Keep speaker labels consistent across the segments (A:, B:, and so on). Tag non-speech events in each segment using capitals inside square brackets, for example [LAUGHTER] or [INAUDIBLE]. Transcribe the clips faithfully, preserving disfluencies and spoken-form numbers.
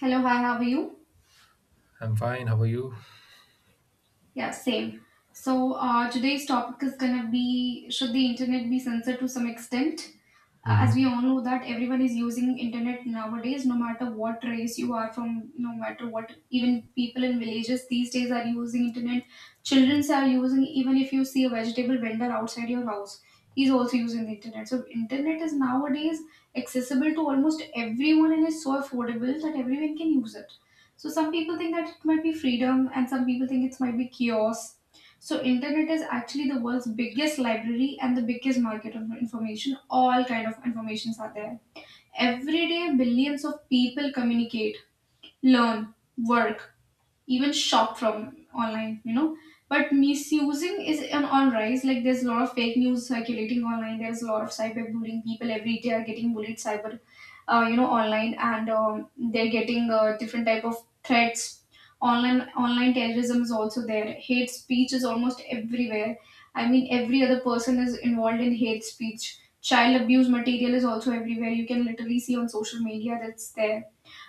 A: Hello, hi, how are you?
B: I'm fine. How are you?
A: Yeah, same. So, uh, today's topic is gonna be should the internet be censored to some extent? Uh, As we
B: hmm
A: all know that everyone is using internet nowadays, no matter what race you are from, no matter what, even people in villages these days are using internet. Childrens are using, even if you see a vegetable vendor outside your house, he's also using the internet. So, internet is nowadays accessible to almost everyone and is so affordable that everyone can use it. So some people think that it might be freedom and some people think it might be chaos. So internet is actually the world's biggest library and the biggest market of information. All kind of informations are there. Every day billions of people communicate, learn, work even shop from online you know But misusing is on, on rise, like there's a lot of fake news circulating online, there's a lot of cyberbullying, people every day are getting bullied cyber uh, you know online, and um, they're getting uh, different type of threats online, online terrorism is also there, hate speech is almost everywhere. I mean every other person is involved in hate speech, child abuse material is also everywhere, you can literally see on social media that's there.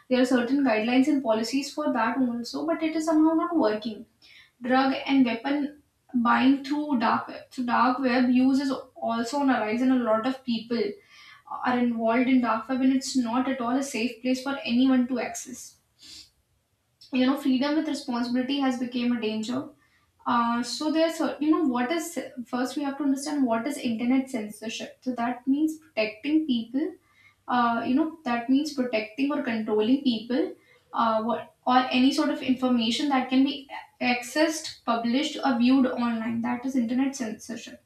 A: There are certain guidelines and policies for that also, but it is somehow not working. Drug and weapon buying through dark web. So dark web use is also on a rise, and a lot of people are involved in dark web, and it's not at all a safe place for anyone to access. You know, freedom with responsibility has become a danger. Uh, so there's a- you know what is First we have to understand what is internet censorship. So that means protecting people uh, you know that means protecting or controlling people uh, what, or any sort of information that can be accessed, published or viewed online, that is internet censorship.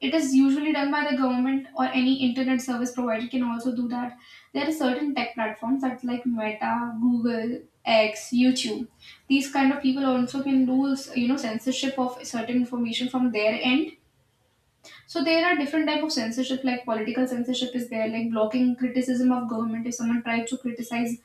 A: It is usually done by the government, or any internet service provider can also do that. There are certain tech platforms that like Meta, Google, X, YouTube, these kind of people also can do, you know, censorship of certain information from their end. So there are different type of censorship, like political censorship is there, like blocking criticism of government. If someone tries to criticize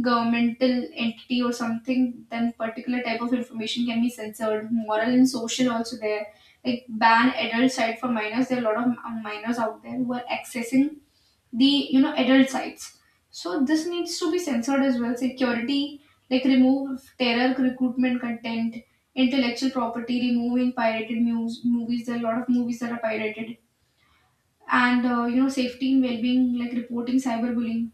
A: governmental entity or something, then particular type of information can be censored. Moral and social also there, like ban adult site for minors. There are a lot of um, minors out there who are accessing the, you know, adult sites, so this needs to be censored as well. Security, like remove terror recruitment content. Intellectual property, removing pirated news, movies, there are a lot of movies that are pirated. And uh, you know, safety and well-being, like reporting cyberbullying.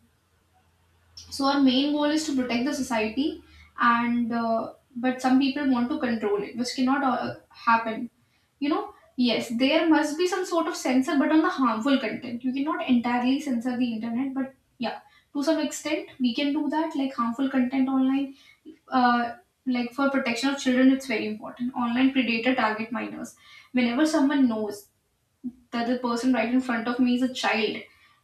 A: So our main goal is to protect the society. And uh, but some people want to control it, which cannot uh, happen. You know, yes, there must be some sort of censor, but on the harmful content, you cannot entirely censor the internet, but yeah, to some extent we can do that, like harmful content online. Uh, like for protection of children, it's very important. Online predator target minors. Whenever someone knows that the person right in front of me is a child,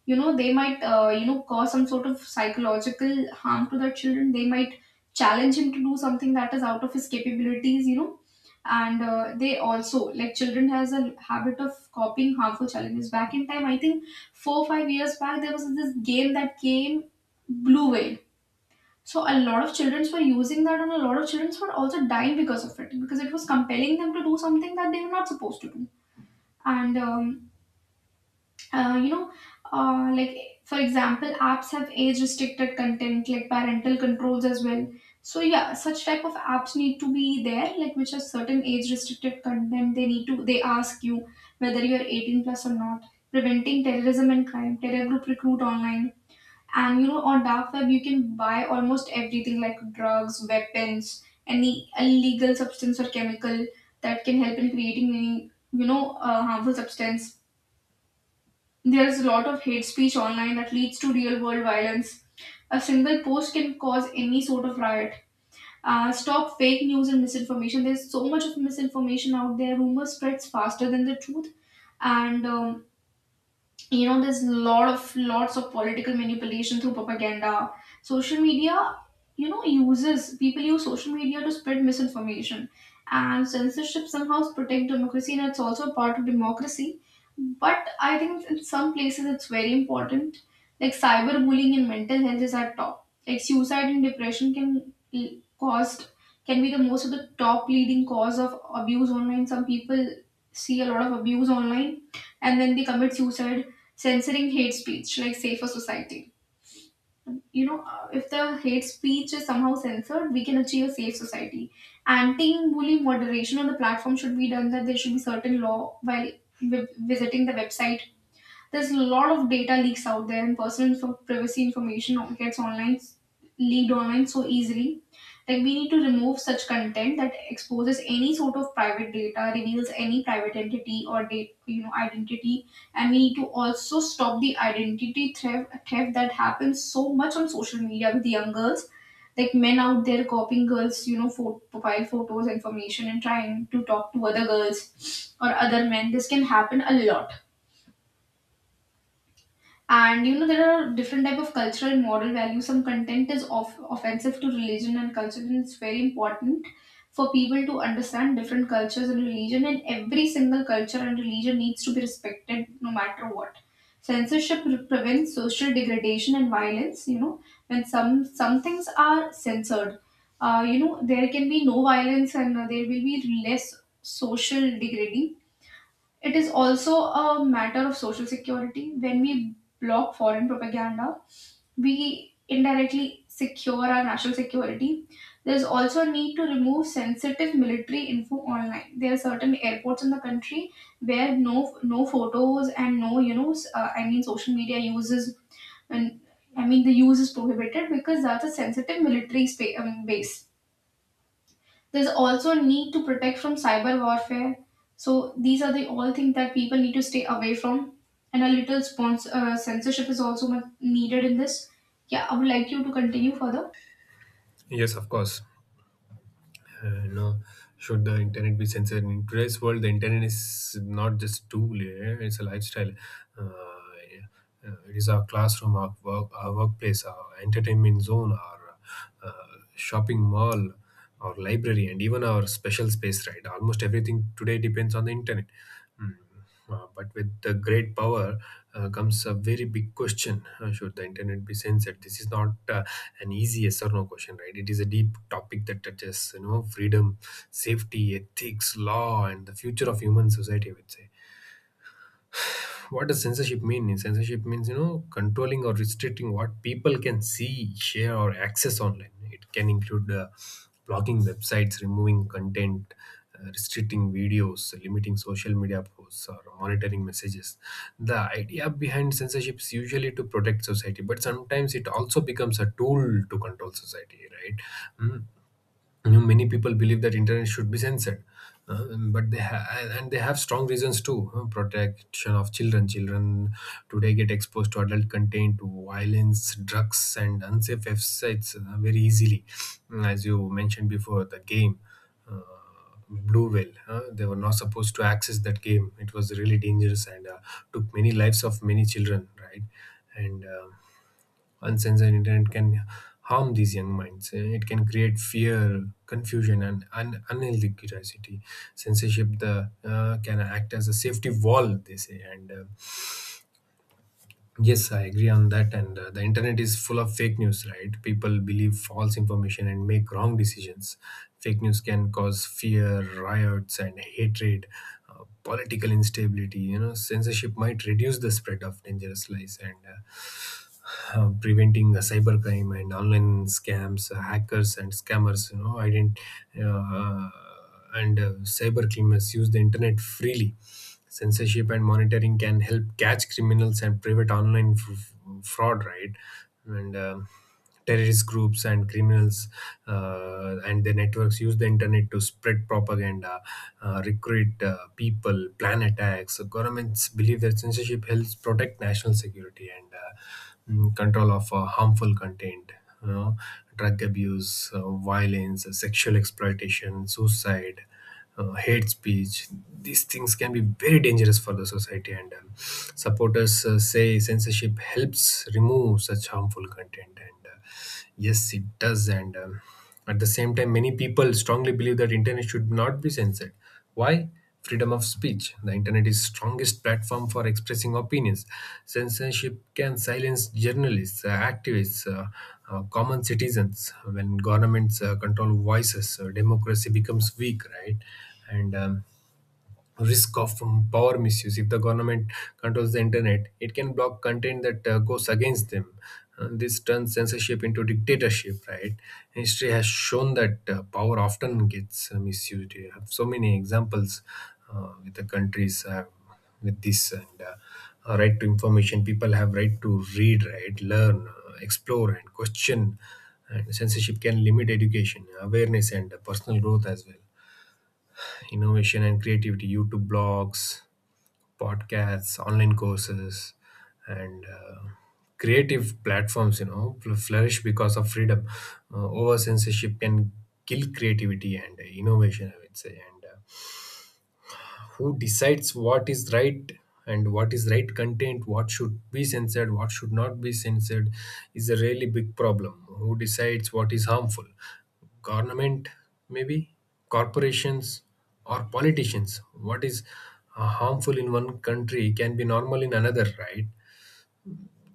A: you know, they might uh, you know, cause some sort of psychological harm to their children. They might challenge him to do something that is out of his capabilities, you know. And uh, they also, like children has a habit of copying harmful challenges. Back in time, I think four five years back, there was this game that came, blue whale. So a lot of children were using that, and a lot of children were also dying because of it, because it was compelling them to do something that they were not supposed to do. And um, uh, you know, uh, like for example, apps have age restricted content, like parental controls as well. So yeah, such type of apps need to be there, like which are certain age restricted content. They need to they ask you whether you are eighteen plus or not. Preventing terrorism and crime, terror group recruit online, and you know, on dark web you can buy almost everything, like drugs, weapons, any illegal substance or chemical that can help in creating any, you know, uh, harmful substance. There's a lot of hate speech online that leads to real world violence. A single post can cause any sort of riot. Uh, stop fake news and misinformation. There's so much of misinformation out there. Rumor spreads faster than the truth. And um, You know, there's lot of lots of political manipulation through propaganda, social media. You know, uses, people use social media to spread misinformation, and censorship somehow protect democracy, and it's also a part of democracy. But I think in some places it's very important, like cyberbullying and mental health is at top, like suicide and depression can l- caused, can be the most of the top leading cause of abuse online. Some people see a lot of abuse online and then they commit suicide. Censoring hate speech, like safer society. You know, uh, if the hate speech is somehow censored, we can achieve a safe society. Anti-bullying moderation on the platform should be done, that there should be certain law while vi- visiting the website. There's a lot of data leaks out there, and personal info- privacy information gets online, leaked online so easily. Like we need to remove such content that exposes any sort of private data, reveals any private entity or date, you know, identity, and we need to also stop the identity theft, theft that happens so much on social media with young girls, like men out there copying girls, you know, pho- profile photos, information, and trying to talk to other girls or other men. This can happen a lot. And you know, there are different type of cultural and moral values. Some content is off- offensive to religion and culture, and it's very important for people to understand different cultures and religion, and every single culture and religion needs to be respected no matter what. Censorship pre- prevents social degradation and violence. You know, when some some things are censored, uh, you know, there can be no violence, and uh, there will be less social degrading. It is also a matter of social security. When we block foreign propaganda, we indirectly secure our national security. There is also a need to remove sensitive military info online. There are certain airports in the country where no no photos and no, you know, s- uh, I mean social media uses, and I mean the use is prohibited because that's a sensitive military spa- um, base. There's also a need to protect from cyber warfare. So these are the all things that people need to stay away from. And a little sponsor, uh, censorship is also mu- needed in this. Yeah, I would like you to continue further.
B: Yes, of course. Uh, no, should the internet be censored in today's world? The internet is not just tool, eh? it's a lifestyle. Uh, yeah. Uh, it is our classroom, our work, our workplace, our entertainment zone, our uh, shopping mall, our library, and even our special space. Right, almost everything today depends on the internet. Mm. Um, uh, but with the great power uh, comes a very big question, uh, should the internet be censored? This is not uh, an easy yes or no question, right? It is a deep topic that touches, you know, freedom, safety, ethics, law, and the future of human society, I would say. What does censorship mean? Censorship means, you know, controlling or restricting what people can see, share, or access online. It can include uh, blocking websites, removing content, uh, restricting videos, limiting social media posts, or monitoring messages. The idea behind censorship is usually to protect society, but sometimes it also becomes a tool to control society, right? Mm, you know, many people believe that internet should be censored, uh, but they ha- and they have strong reasons too. Uh, protection of children. Children today get exposed to adult content, to violence, drugs, and unsafe websites uh, very easily. Mm, as you mentioned before, the game, uh, blue whale, uh, they were not supposed to access that game. It was really dangerous and uh, took many lives of many children, right? And um uncensored internet can harm these young minds. Uh, It can create fear, confusion, and un- unhealthy curiosity. Censorship the, uh, can act as a safety wall, they say, and uh, yes, I agree on that. And uh, the internet is full of fake news, right? People believe false information and make wrong decisions. Fake news can cause fear, riots, and hatred, uh, political instability. You know, censorship might reduce the spread of dangerous lies and uh, uh, preventing uh, cybercrime and online scams, uh, hackers, and scammers. You know, ident- uh, uh, and uh, Cyber criminals use the internet freely. Censorship and monitoring can help catch criminals and prevent online f- fraud, right? and um, Terrorist groups and criminals uh, and their networks use the internet to spread propaganda, uh, recruit uh, people, plan attacks. So governments believe that censorship helps protect national security. And uh, mm, control of uh, harmful content, you know, drug abuse, uh, violence, uh, sexual exploitation, suicide, uh, hate speech. These things can be very dangerous for the society, and um, supporters uh, say censorship helps remove such harmful content. And uh, yes, it does. And um, at the same time, many people strongly believe that internet should not be censored. Why? Freedom of speech. The internet is strongest platform for expressing opinions. Censorship can silence journalists, uh, activists, uh, uh, common citizens. When governments uh, control voices, uh, democracy becomes weak, right? And um, risk of um, power misuse. If the government controls the internet, it can block content that uh, goes against them. Uh, this turns censorship into dictatorship, right? History has shown that uh, power often gets uh, misused. You have so many examples uh, with the countries uh, with this and uh, uh, right to information. People have right to read, right, learn, uh, explore, and question. And censorship can limit education, awareness, and uh, personal growth as well. Innovation and creativity, YouTube blogs, podcasts, online courses, and uh, creative platforms, you know, fl- flourish because of freedom. Uh, Over censorship can kill creativity and uh, innovation, I would say. And uh, Who decides what is right, and what is right content? What should be censored, what should not be censored is a really big problem. Who decides what is harmful? Government, maybe, corporations, or politicians? What is uh, harmful in one country can be normal in another, right?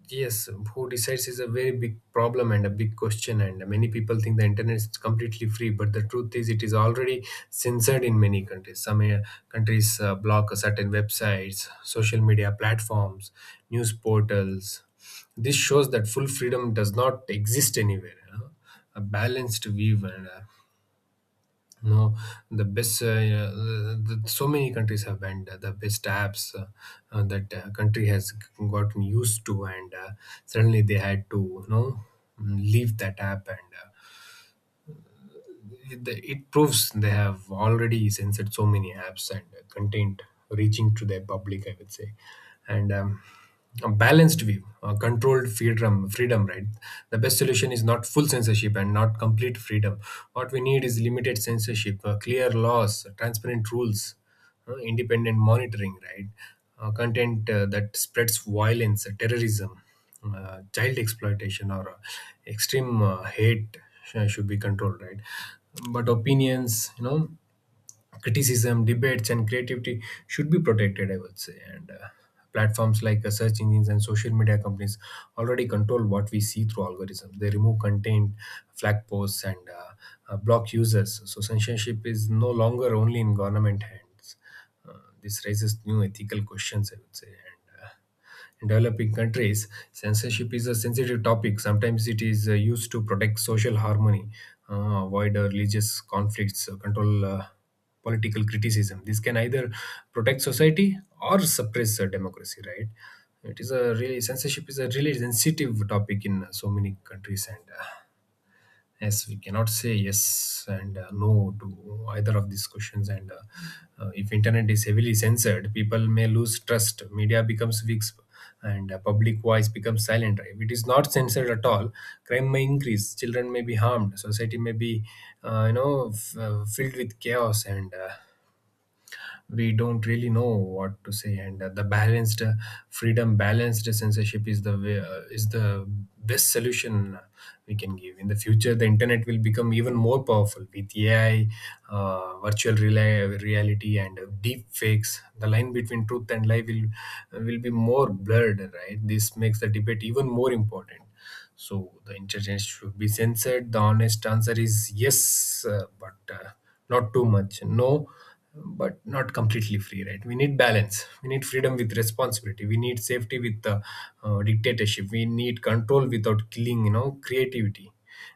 B: Yes, who decides is a very big problem and a big question, and many people think the internet is completely free. But the truth is, it is already censored in many countries. Some uh, countries uh, block certain websites, social media platforms, news portals. This shows that full freedom does not exist anywhere, you know. A balanced view. And uh, no, the best. Uh, uh, the, So many countries have banned uh, the best apps, uh, uh, that uh, country has g- gotten used to, and uh, suddenly they had to, you know, leave that app. And. Uh, it it proves they have already censored so many apps and uh, content reaching to their public, I would say. And um, a balanced view, a controlled freedom, freedom right? The best solution is not full censorship and not complete freedom. What we need is limited censorship, uh, clear laws, transparent rules, uh, independent monitoring, right? Uh, content uh, that spreads violence, uh, terrorism, uh, child exploitation, or uh, extreme uh, hate sh- should be controlled, right? But opinions, you know, criticism, debates, and creativity should be protected, I would say. And uh, platforms like uh, search engines and social media companies already control what we see through algorithms. They remove content, flag posts, and uh, uh, block users. So censorship is no longer only in government hands. Uh, this raises new ethical questions, I would say. And uh, in developing countries, censorship is a sensitive topic. Sometimes it is uh, used to protect social harmony, uh, avoid uh, religious conflicts, uh, control uh, political criticism. This can either protect society or suppress uh, democracy, right? It is a really censorship is a really sensitive topic in uh, so many countries, and uh, yes, we cannot say yes and uh, no to either of these questions. And uh, uh, if internet is heavily censored, people may lose trust. Media becomes weak, and uh, public voice becomes silent. If it is not censored at all, crime may increase. Children may be harmed. Society may be, uh, you know, f- uh, filled with chaos. And. Uh, we don't really know what to say, and uh, the balanced uh, freedom balanced censorship is the way, uh, is the best solution we can give. In the future, the internet will become even more powerful with AI, uh, virtual rela- reality, and uh, deep fakes. The line between truth and lie will will be more blurred, right? This makes the debate even more important. So the internet should be censored. The honest answer is yes, uh, but uh, not too much. No, but not completely free, right? We need balance. We need freedom with responsibility. We need safety with uh, uh, dictatorship. We need control without killing, you know, creativity.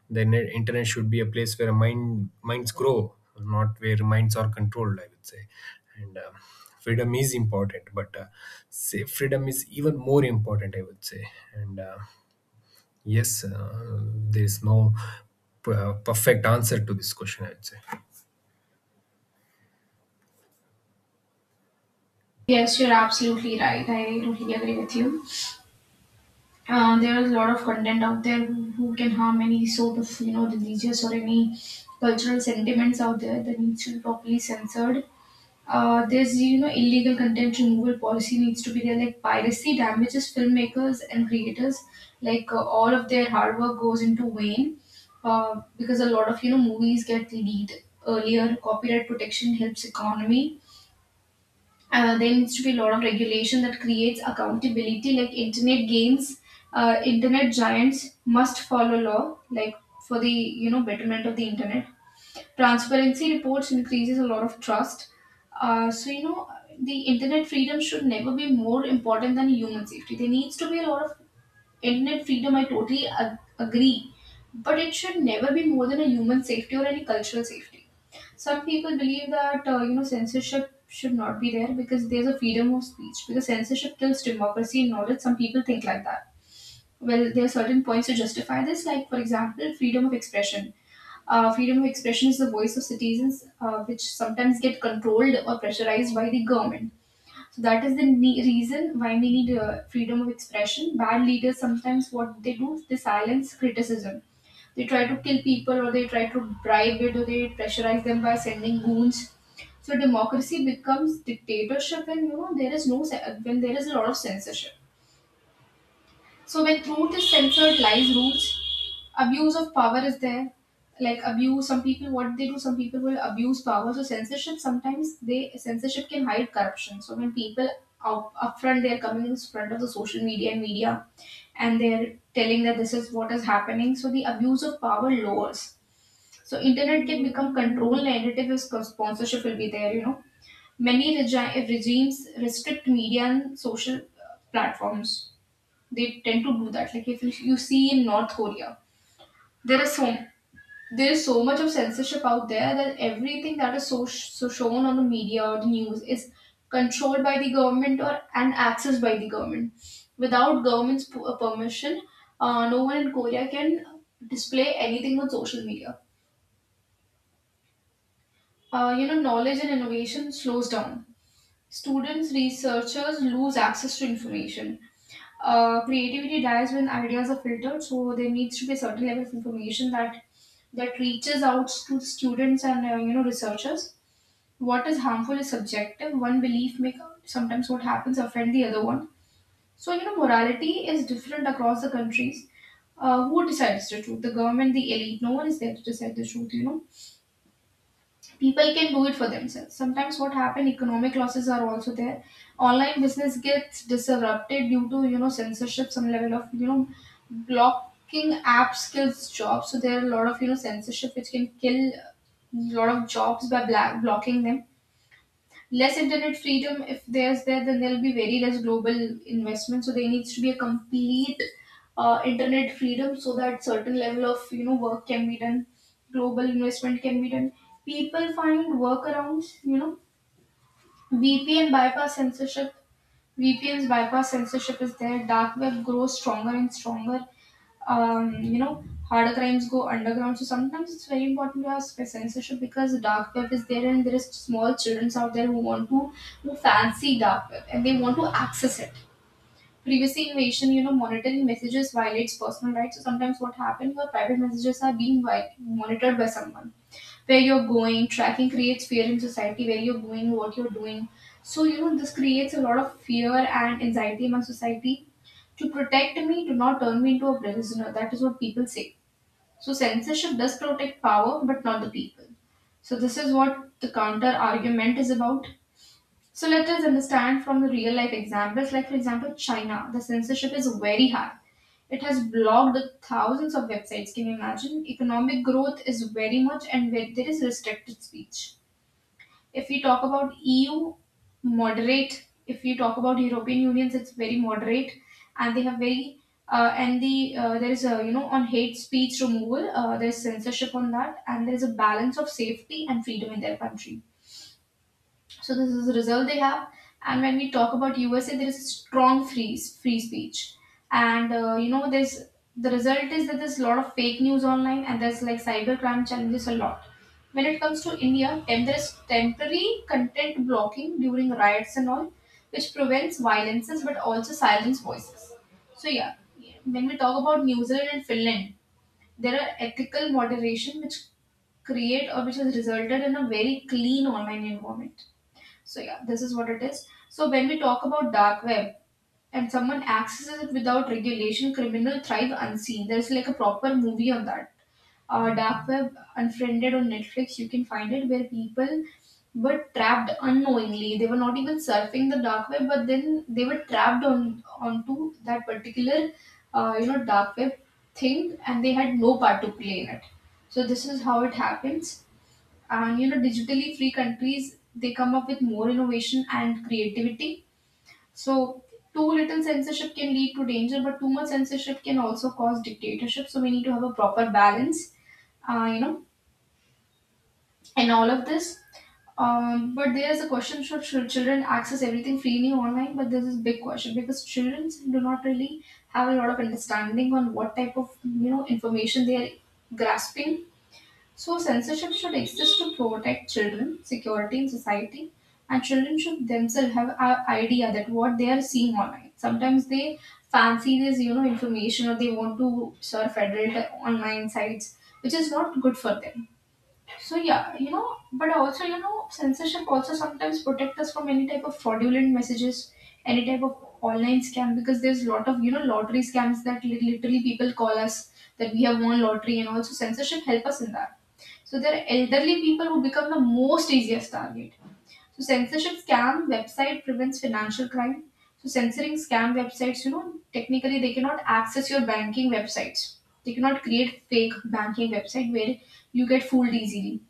B: The net- internet should be a place where mind minds grow, not where minds are controlled, I would say. And um, freedom is important, but uh, say freedom is even more important, I would say. And uh, yes, uh, there is no p- uh, perfect answer to this question, I would say.
A: Yes, you're absolutely right. I totally agree with you. uh, there is a lot of content out there who, who can harm any sort of, you know, religious or any cultural sentiments out there that needs to be properly censored. Uh, there's, you know, illegal content removal policy needs to be there. Like piracy damages filmmakers and creators. Like uh, all of their hard work goes into vain uh, because a lot of, you know, movies get leaked earlier. Copyright protection helps economy. Uh, there needs to be a lot of regulation that creates accountability, like internet games, uh, internet giants must follow law, like for the, you know, betterment of the internet. Transparency reports increases a lot of trust. Uh, so you know, the internet freedom should never be more important than human safety. There needs to be a lot of internet freedom, I totally ag- agree, but it should never be more than a human safety or any cultural safety. Some people believe that uh, you know, censorship should not be there because there's a freedom of speech, because censorship kills democracy and knowledge. Some people think like that. Well, there are certain points to justify this, like for example, freedom of expression. Uh, freedom of expression is the voice of citizens, uh, which sometimes get controlled or pressurized by the government. So that is the ne- reason why we need uh, freedom of expression. Bad leaders sometimes what they do, is they silence criticism. They try to kill people, or they try to bribe it, or they pressurize them by sending goons. So democracy becomes dictatorship, and you know, there is no se- when there is a lot of censorship, so when truth is censored, lies rules. Abuse of power is there. Like abuse, some people what they do, some people will abuse power. So censorship, sometimes they, censorship can hide corruption. So when people up upfront they are coming in front of the social media and media, and they're telling that this is what is happening. So the abuse of power lowers. So internet can become control narrative if sp- sponsorship will be there. You know, many regi- regimes restrict media and social uh, platforms, they tend to do that. Like if you you see in North Korea, there is so there is so much of censorship out there that everything that is so, so shown on the media or the news is controlled by the government or and accessed by the government. Without government's p- uh, permission, uh, no one in Korea can display anything on social media. Uh, you know, knowledge and innovation slows down. Students, researchers lose access to information. Uh, creativity dies when ideas are filtered, so there needs to be a certain level of information that that reaches out to students and uh, you know researchers. What is harmful is subjective. One belief may sometimes what happens offend the other one. So you know morality is different across the countries. Uh, who decides the truth? The government, the elite. No one is there to decide the truth. You know people can do it for themselves. Sometimes what happen, economic losses are also there. Online business gets disrupted due to you know censorship. Some level of you know blocking apps kills jobs, so there are a lot of you know censorship which can kill a lot of jobs by black blocking them. Less internet freedom, if there's there then there'll be very less global investment. So there needs to be a complete uh, internet freedom so that certain level of you know work can be done, global investment can be done. People find workarounds, you know vpn bypass censorship, vpn's bypass censorship is there, dark web grows stronger and stronger. Um, you know, harder crimes go underground. So sometimes it's very important to have spe- censorship because the dark web is there and there is small children out there who want to who fancy dark web and they want to access it. Privacy invasion, you know, monitoring messages violates personal rights. So sometimes what happens, your private messages are being vi- monitored by someone, where you're going. Tracking creates fear in society, where you're going, what you're doing. So, you know, this creates a lot of fear and anxiety among society. To protect me, do not turn me into a prisoner. That is what people say. So, censorship does protect power, but not the people. So, this is what the counter argument is about. So let us understand from the real life examples, like for example, China, the censorship is very high. It has blocked thousands of websites. Can you imagine? Economic growth is very much, and where there is restricted speech. If we talk about E U, moderate. If we talk about European Unions, it's very moderate, and they have very uh, and the uh, there is a you know on hate speech removal, uh, there is censorship on that, and there is a balance of safety and freedom in their country. So this is the result they have. And when we talk about U S A, there is strong free free speech, and uh, you know there's the result is that there's a lot of fake news online, and there's like cybercrime challenges a lot. When it comes to India, tem- there's temporary content blocking during riots and all, which prevents violences but also silence voices. So yeah, when we talk about New Zealand and Finland, there are ethical moderation which create or which has resulted in a very clean online environment. So yeah, this is what it is. So when we talk about dark web and someone accesses it without regulation, criminal thrive unseen. There's like a proper movie on that. Uh, dark web unfriended on Netflix. You can find it where people were trapped unknowingly. They were not even surfing the dark web, but then they were trapped on onto that particular uh, you know dark web thing, and they had no part to play in it. So this is how it happens. And you know digitally free countries, they come up with more innovation and creativity. So too little censorship can lead to danger, but too much censorship can also cause dictatorship, so we need to have a proper balance uh, you know in all of this. Um, but there is a question, should, should children access everything freely online? But this is big question because children do not really have a lot of understanding on what type of you know information they are grasping. So, censorship should exist to protect children, security in society, and children should themselves have an idea that what they are seeing online. Sometimes they fancy this, you know, information, or they want to surf adult online sites, which is not good for them. So, yeah, you know, but also, you know, censorship also sometimes protect us from any type of fraudulent messages, any type of online scam, because there's lot of, you know, lottery scams that li- literally people call us that we have won lottery, and also censorship help us in that. So they're elderly people who become the most easiest target. So censorship scam website prevents financial crime. So censoring scam websites, you know, technically they cannot access your banking websites. They cannot create fake banking website where you get fooled easily.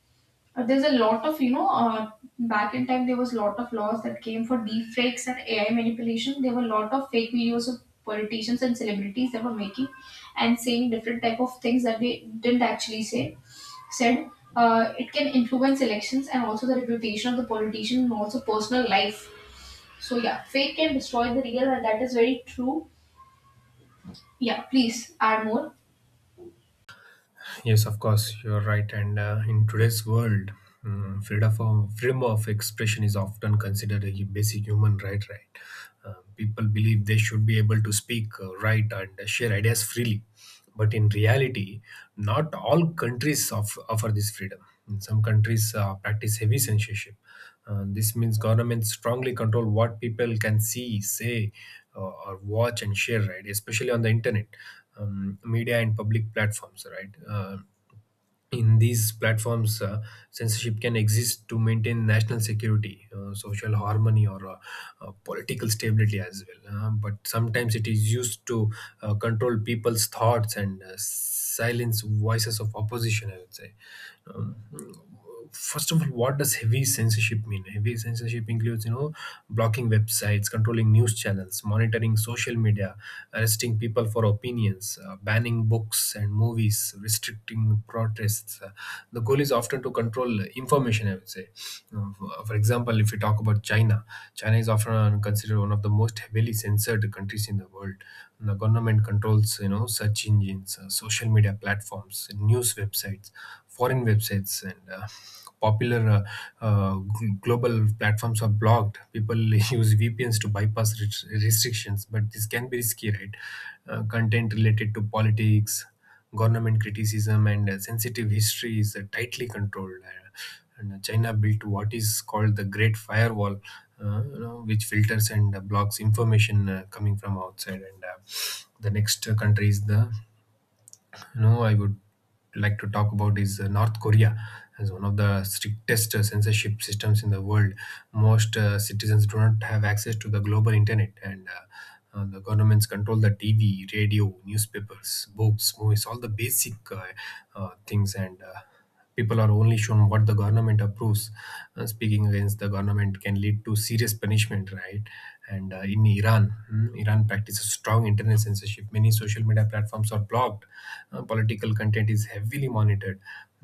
A: Uh, There's a lot of, you know, uh, back in time there was a lot of laws that came for deepfakes and A I manipulation. There were a lot of fake videos of politicians and celebrities that were making and saying different type of things that they didn't actually say. Said uh, It can influence elections and also the reputation of the politician and also personal life. So yeah, fake can destroy the real, and that is very true. Yeah, please add more.
B: Yes, of course, you're right. And uh, in today's world, um, freedom of, freedom of expression is often considered a basic human right. Right, uh, people believe they should be able to speak, uh, write, and share ideas freely. But in reality, not all countries of, offer this freedom. In some countries, uh, practice heavy censorship. Uh, this means governments strongly control what people can see, say, uh, or watch and share. Right, especially on the internet, um, media and public platforms, right? Uh, in these platforms, uh, censorship can exist to maintain national security, uh, social harmony, or uh, uh, political stability as well. Uh, but sometimes it is used to uh, control people's thoughts and uh, silence voices of opposition, I would say. Um, First of all, what does heavy censorship mean? Heavy censorship includes, you know, blocking websites, controlling news channels, monitoring social media, arresting people for opinions, uh, banning books and movies, restricting protests. Uh, the goal is often to control information, I would say. Uh, for for example, if we talk about china, china is often considered one of the most heavily censored countries in the world. The government controls, you know, search engines, uh, social media platforms, news websites, foreign websites, and uh, popular uh, uh, gl- global platforms are blocked. People [LAUGHS] use vpns to bypass res- restrictions, but this can be risky, right? Uh, content related to politics, government criticism, and uh, sensitive history is uh, tightly controlled. Uh, and uh, China built what is called the great firewall, uh, you know, which filters and uh, blocks information uh, coming from outside. And uh, the next uh, country is the no, I would like to talk about is uh, North Korea, as one of the strictest uh, censorship systems in the world. Most uh, citizens do not have access to the global internet, and uh, uh, the governments control the T V, radio, newspapers, books, movies, all the basic uh, uh, things. And uh, people are only shown what the government approves. Uh, speaking against the government can lead to serious punishment, right? and uh, In Iran, mm, Iran practices strong internet censorship. Many social media platforms are blocked. Uh, political content is heavily monitored.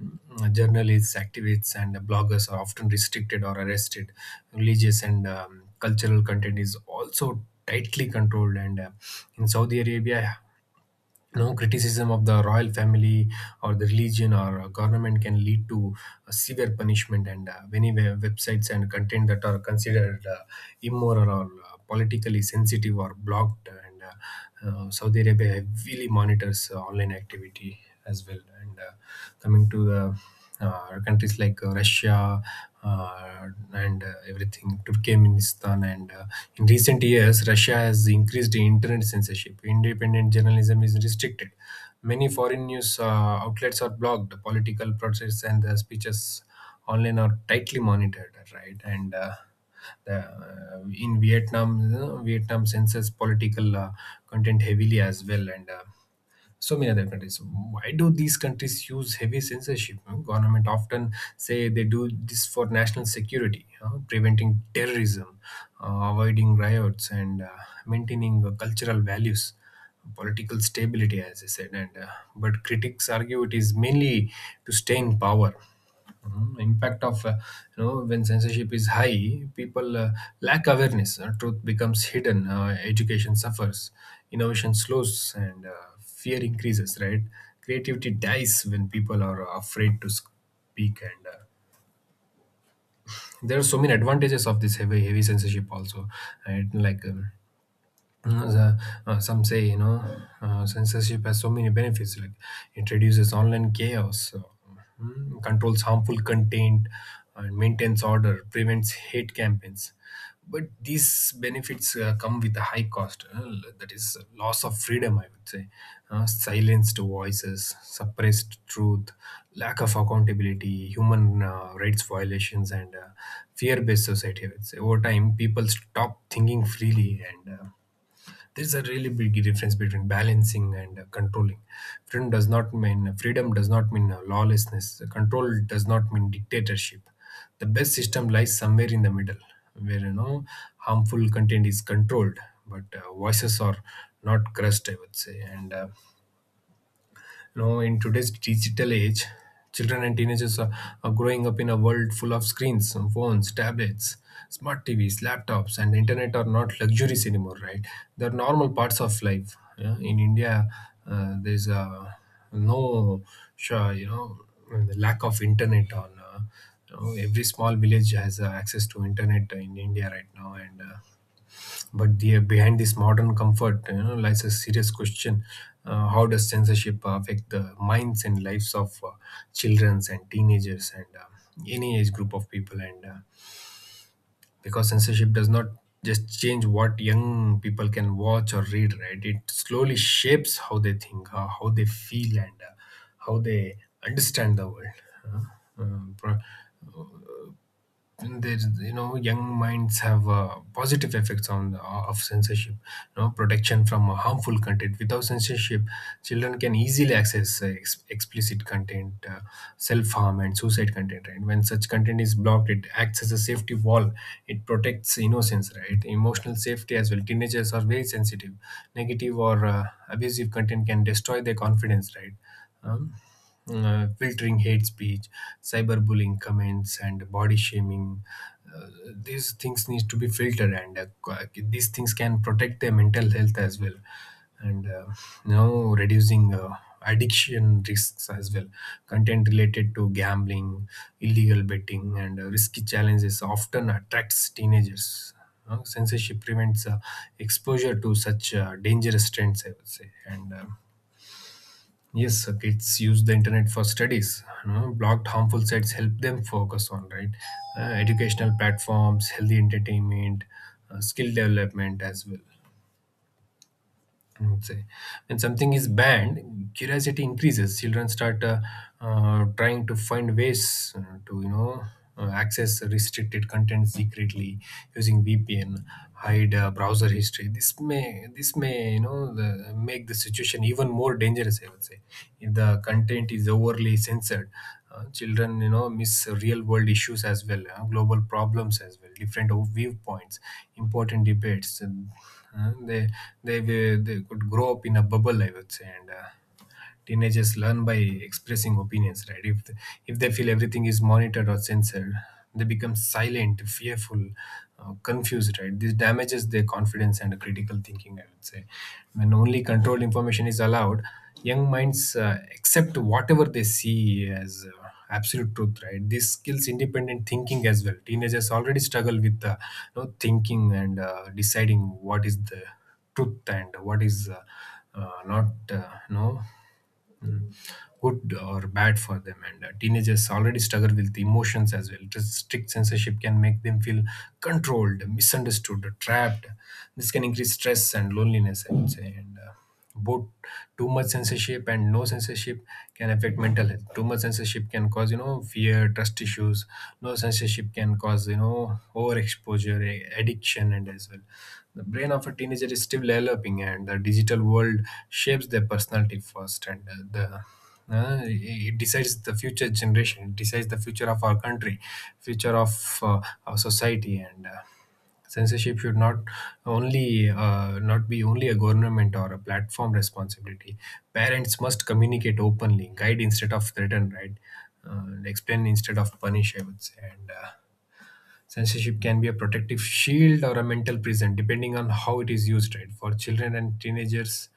B: Mm, journalists, activists and bloggers are often restricted or arrested. Religious and um, cultural content is also tightly controlled, and uh, in Saudi Arabia, no criticism of the royal family or the religion or uh, government can lead to uh, severe punishment. And uh, many we- websites and content that are considered uh, immoral or uh, politically sensitive are blocked, and uh, uh, Saudi Arabia heavily monitors uh, online activity as well. And uh, Coming to the uh, countries like uh, Russia uh, and uh, everything, Turkmenistan. And uh, In recent years, Russia has increased internet censorship. Independent journalism is restricted. Many foreign news uh, outlets are blocked. Political protests and the speeches online are tightly monitored, right? And uh, the, uh, in Vietnam, uh, Vietnam censors political uh, content heavily as well. And uh, so many other countries. Why do these countries use heavy censorship? You know, government often say they do this for national security, you know, preventing terrorism, uh, avoiding riots and uh, maintaining uh, cultural values, political stability, as I said. And uh, But critics argue it is mainly to stay in power. Mhm. Impact of uh, you know when censorship is high, people uh, lack awareness, uh, truth becomes hidden, uh, education suffers, innovation slows and uh, fear increases, right? Creativity dies when people are afraid to speak. And uh, There are so many advantages of this heavy heavy censorship also, right? like um, Mm, the- uh, some say, you know uh, censorship has so many benefits, like it reduces online chaos, uh, mm, controls harmful content and maintains order, prevents hate campaigns. But these benefits uh, come with a high cost, uh, that is loss of freedom, I would say. Uh, silenced voices, suppressed truth, lack of accountability, human uh, rights violations and uh, fear-based society, I would say. Over time people stop thinking freely. And uh, There's a really big difference between balancing and uh, controlling. Freedom does not mean freedom does not mean uh, lawlessness. Control does not mean dictatorship. The best system lies somewhere in the middle, where, you know harmful content is controlled, but uh, voices are not crushed, I would say. And uh, you know in today's digital age, children and teenagers are, are growing up in a world full of screens, phones, tablets, smart TVs, laptops, and the internet are not luxuries anymore, right? They're normal parts of life. Yeah? In India uh, there's uh, no, sure, you know the lack of internet on, uh, you know, every small village has uh, access to internet in India right now. And uh, But the, uh, behind this modern comfort, you know, lies a serious question. Uh, how does censorship affect the minds and lives of uh, children and teenagers and uh, any age group of people? And uh, Because censorship does not just change what young people can watch or read, right? It slowly shapes how they think, uh, how they feel, and uh, how they understand the world. Uh, uh, pro- and there's, you know young minds have uh, positive effects on uh, of censorship, you know protection from uh, harmful content. Without censorship, children can easily access uh, ex- explicit content, uh, self-harm and suicide content, right? When such content is blocked, it acts as a safety wall. It protects innocence, right? Emotional safety as well, teenagers are very sensitive. Negative or uh, abusive content can destroy their confidence, right? um, uh, Filtering hate speech, cyberbullying comments, and body shaming. Uh, these things need to be filtered, and uh, qu- these things can protect their mental health as well, and uh, now reducing Uh, addiction risks as well. Content related to gambling, illegal betting and uh, risky challenges often attracts teenagers. Uh, censorship prevents uh, exposure to such uh, dangerous trends, I would say. And um, Yes, uh, kids use the internet for studies. You know, blocked harmful sites help them focus on, right, uh, educational platforms, healthy entertainment, uh, skill development as well. I would say. When something is banned, curiosity increases. Children start uh, uh, trying to find ways uh, to, you know, uh, access restricted content secretly using V P N, hide uh, browser history. This may, this may, you know, the, make the situation even more dangerous. I would say, if the content is overly censored, uh, children, you know miss real world issues as well, uh, global problems as well, different o- viewpoints, important debates, and uh, they, they they they could grow up in a bubble, I would say. And uh, Teenagers learn by expressing opinions, right? if if they feel everything is monitored or censored, they become silent, fearful, uh, confused, right? This damages their confidence and critical thinking, I would say. When only controlled information is allowed, young minds uh, accept whatever they see as uh, absolute truth, right? This skills independent thinking as well. Teenagers already struggle with uh, you know, thinking and uh, deciding what is the truth and what is uh, uh, not, uh, no, good or bad for them. And uh, teenagers already struggle with emotions as well. Just strict censorship can make them feel controlled, misunderstood, trapped. This can increase stress and loneliness, I would say. And uh, Both too much censorship and no censorship can affect mental health. Too much censorship can cause, you know fear, trust issues. No censorship can cause, you know overexposure, a- addiction and as well, the brain of a teenager is still developing and the digital world shapes their personality first. And uh, the uh, It decides the future generation. It decides the future of our country, future of uh, our society. And uh, Censorship should not only uh, not be only a government or a platform responsibility. Parents must communicate openly, guide instead of threaten, right? Uh, and explain instead of punish. I would say. And uh, Censorship can be a protective shield or a mental prison, depending on how it is used, right? For children and teenagers,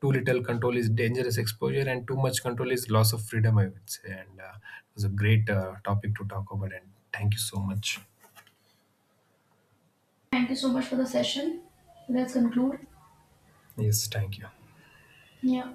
B: too little control is dangerous exposure, and too much control is loss of freedom, I would say. And uh, It was a great uh, topic to talk about, and thank you so much.
A: Thank you so much for the session. Let's conclude.
B: Yes, thank you.
A: Yeah.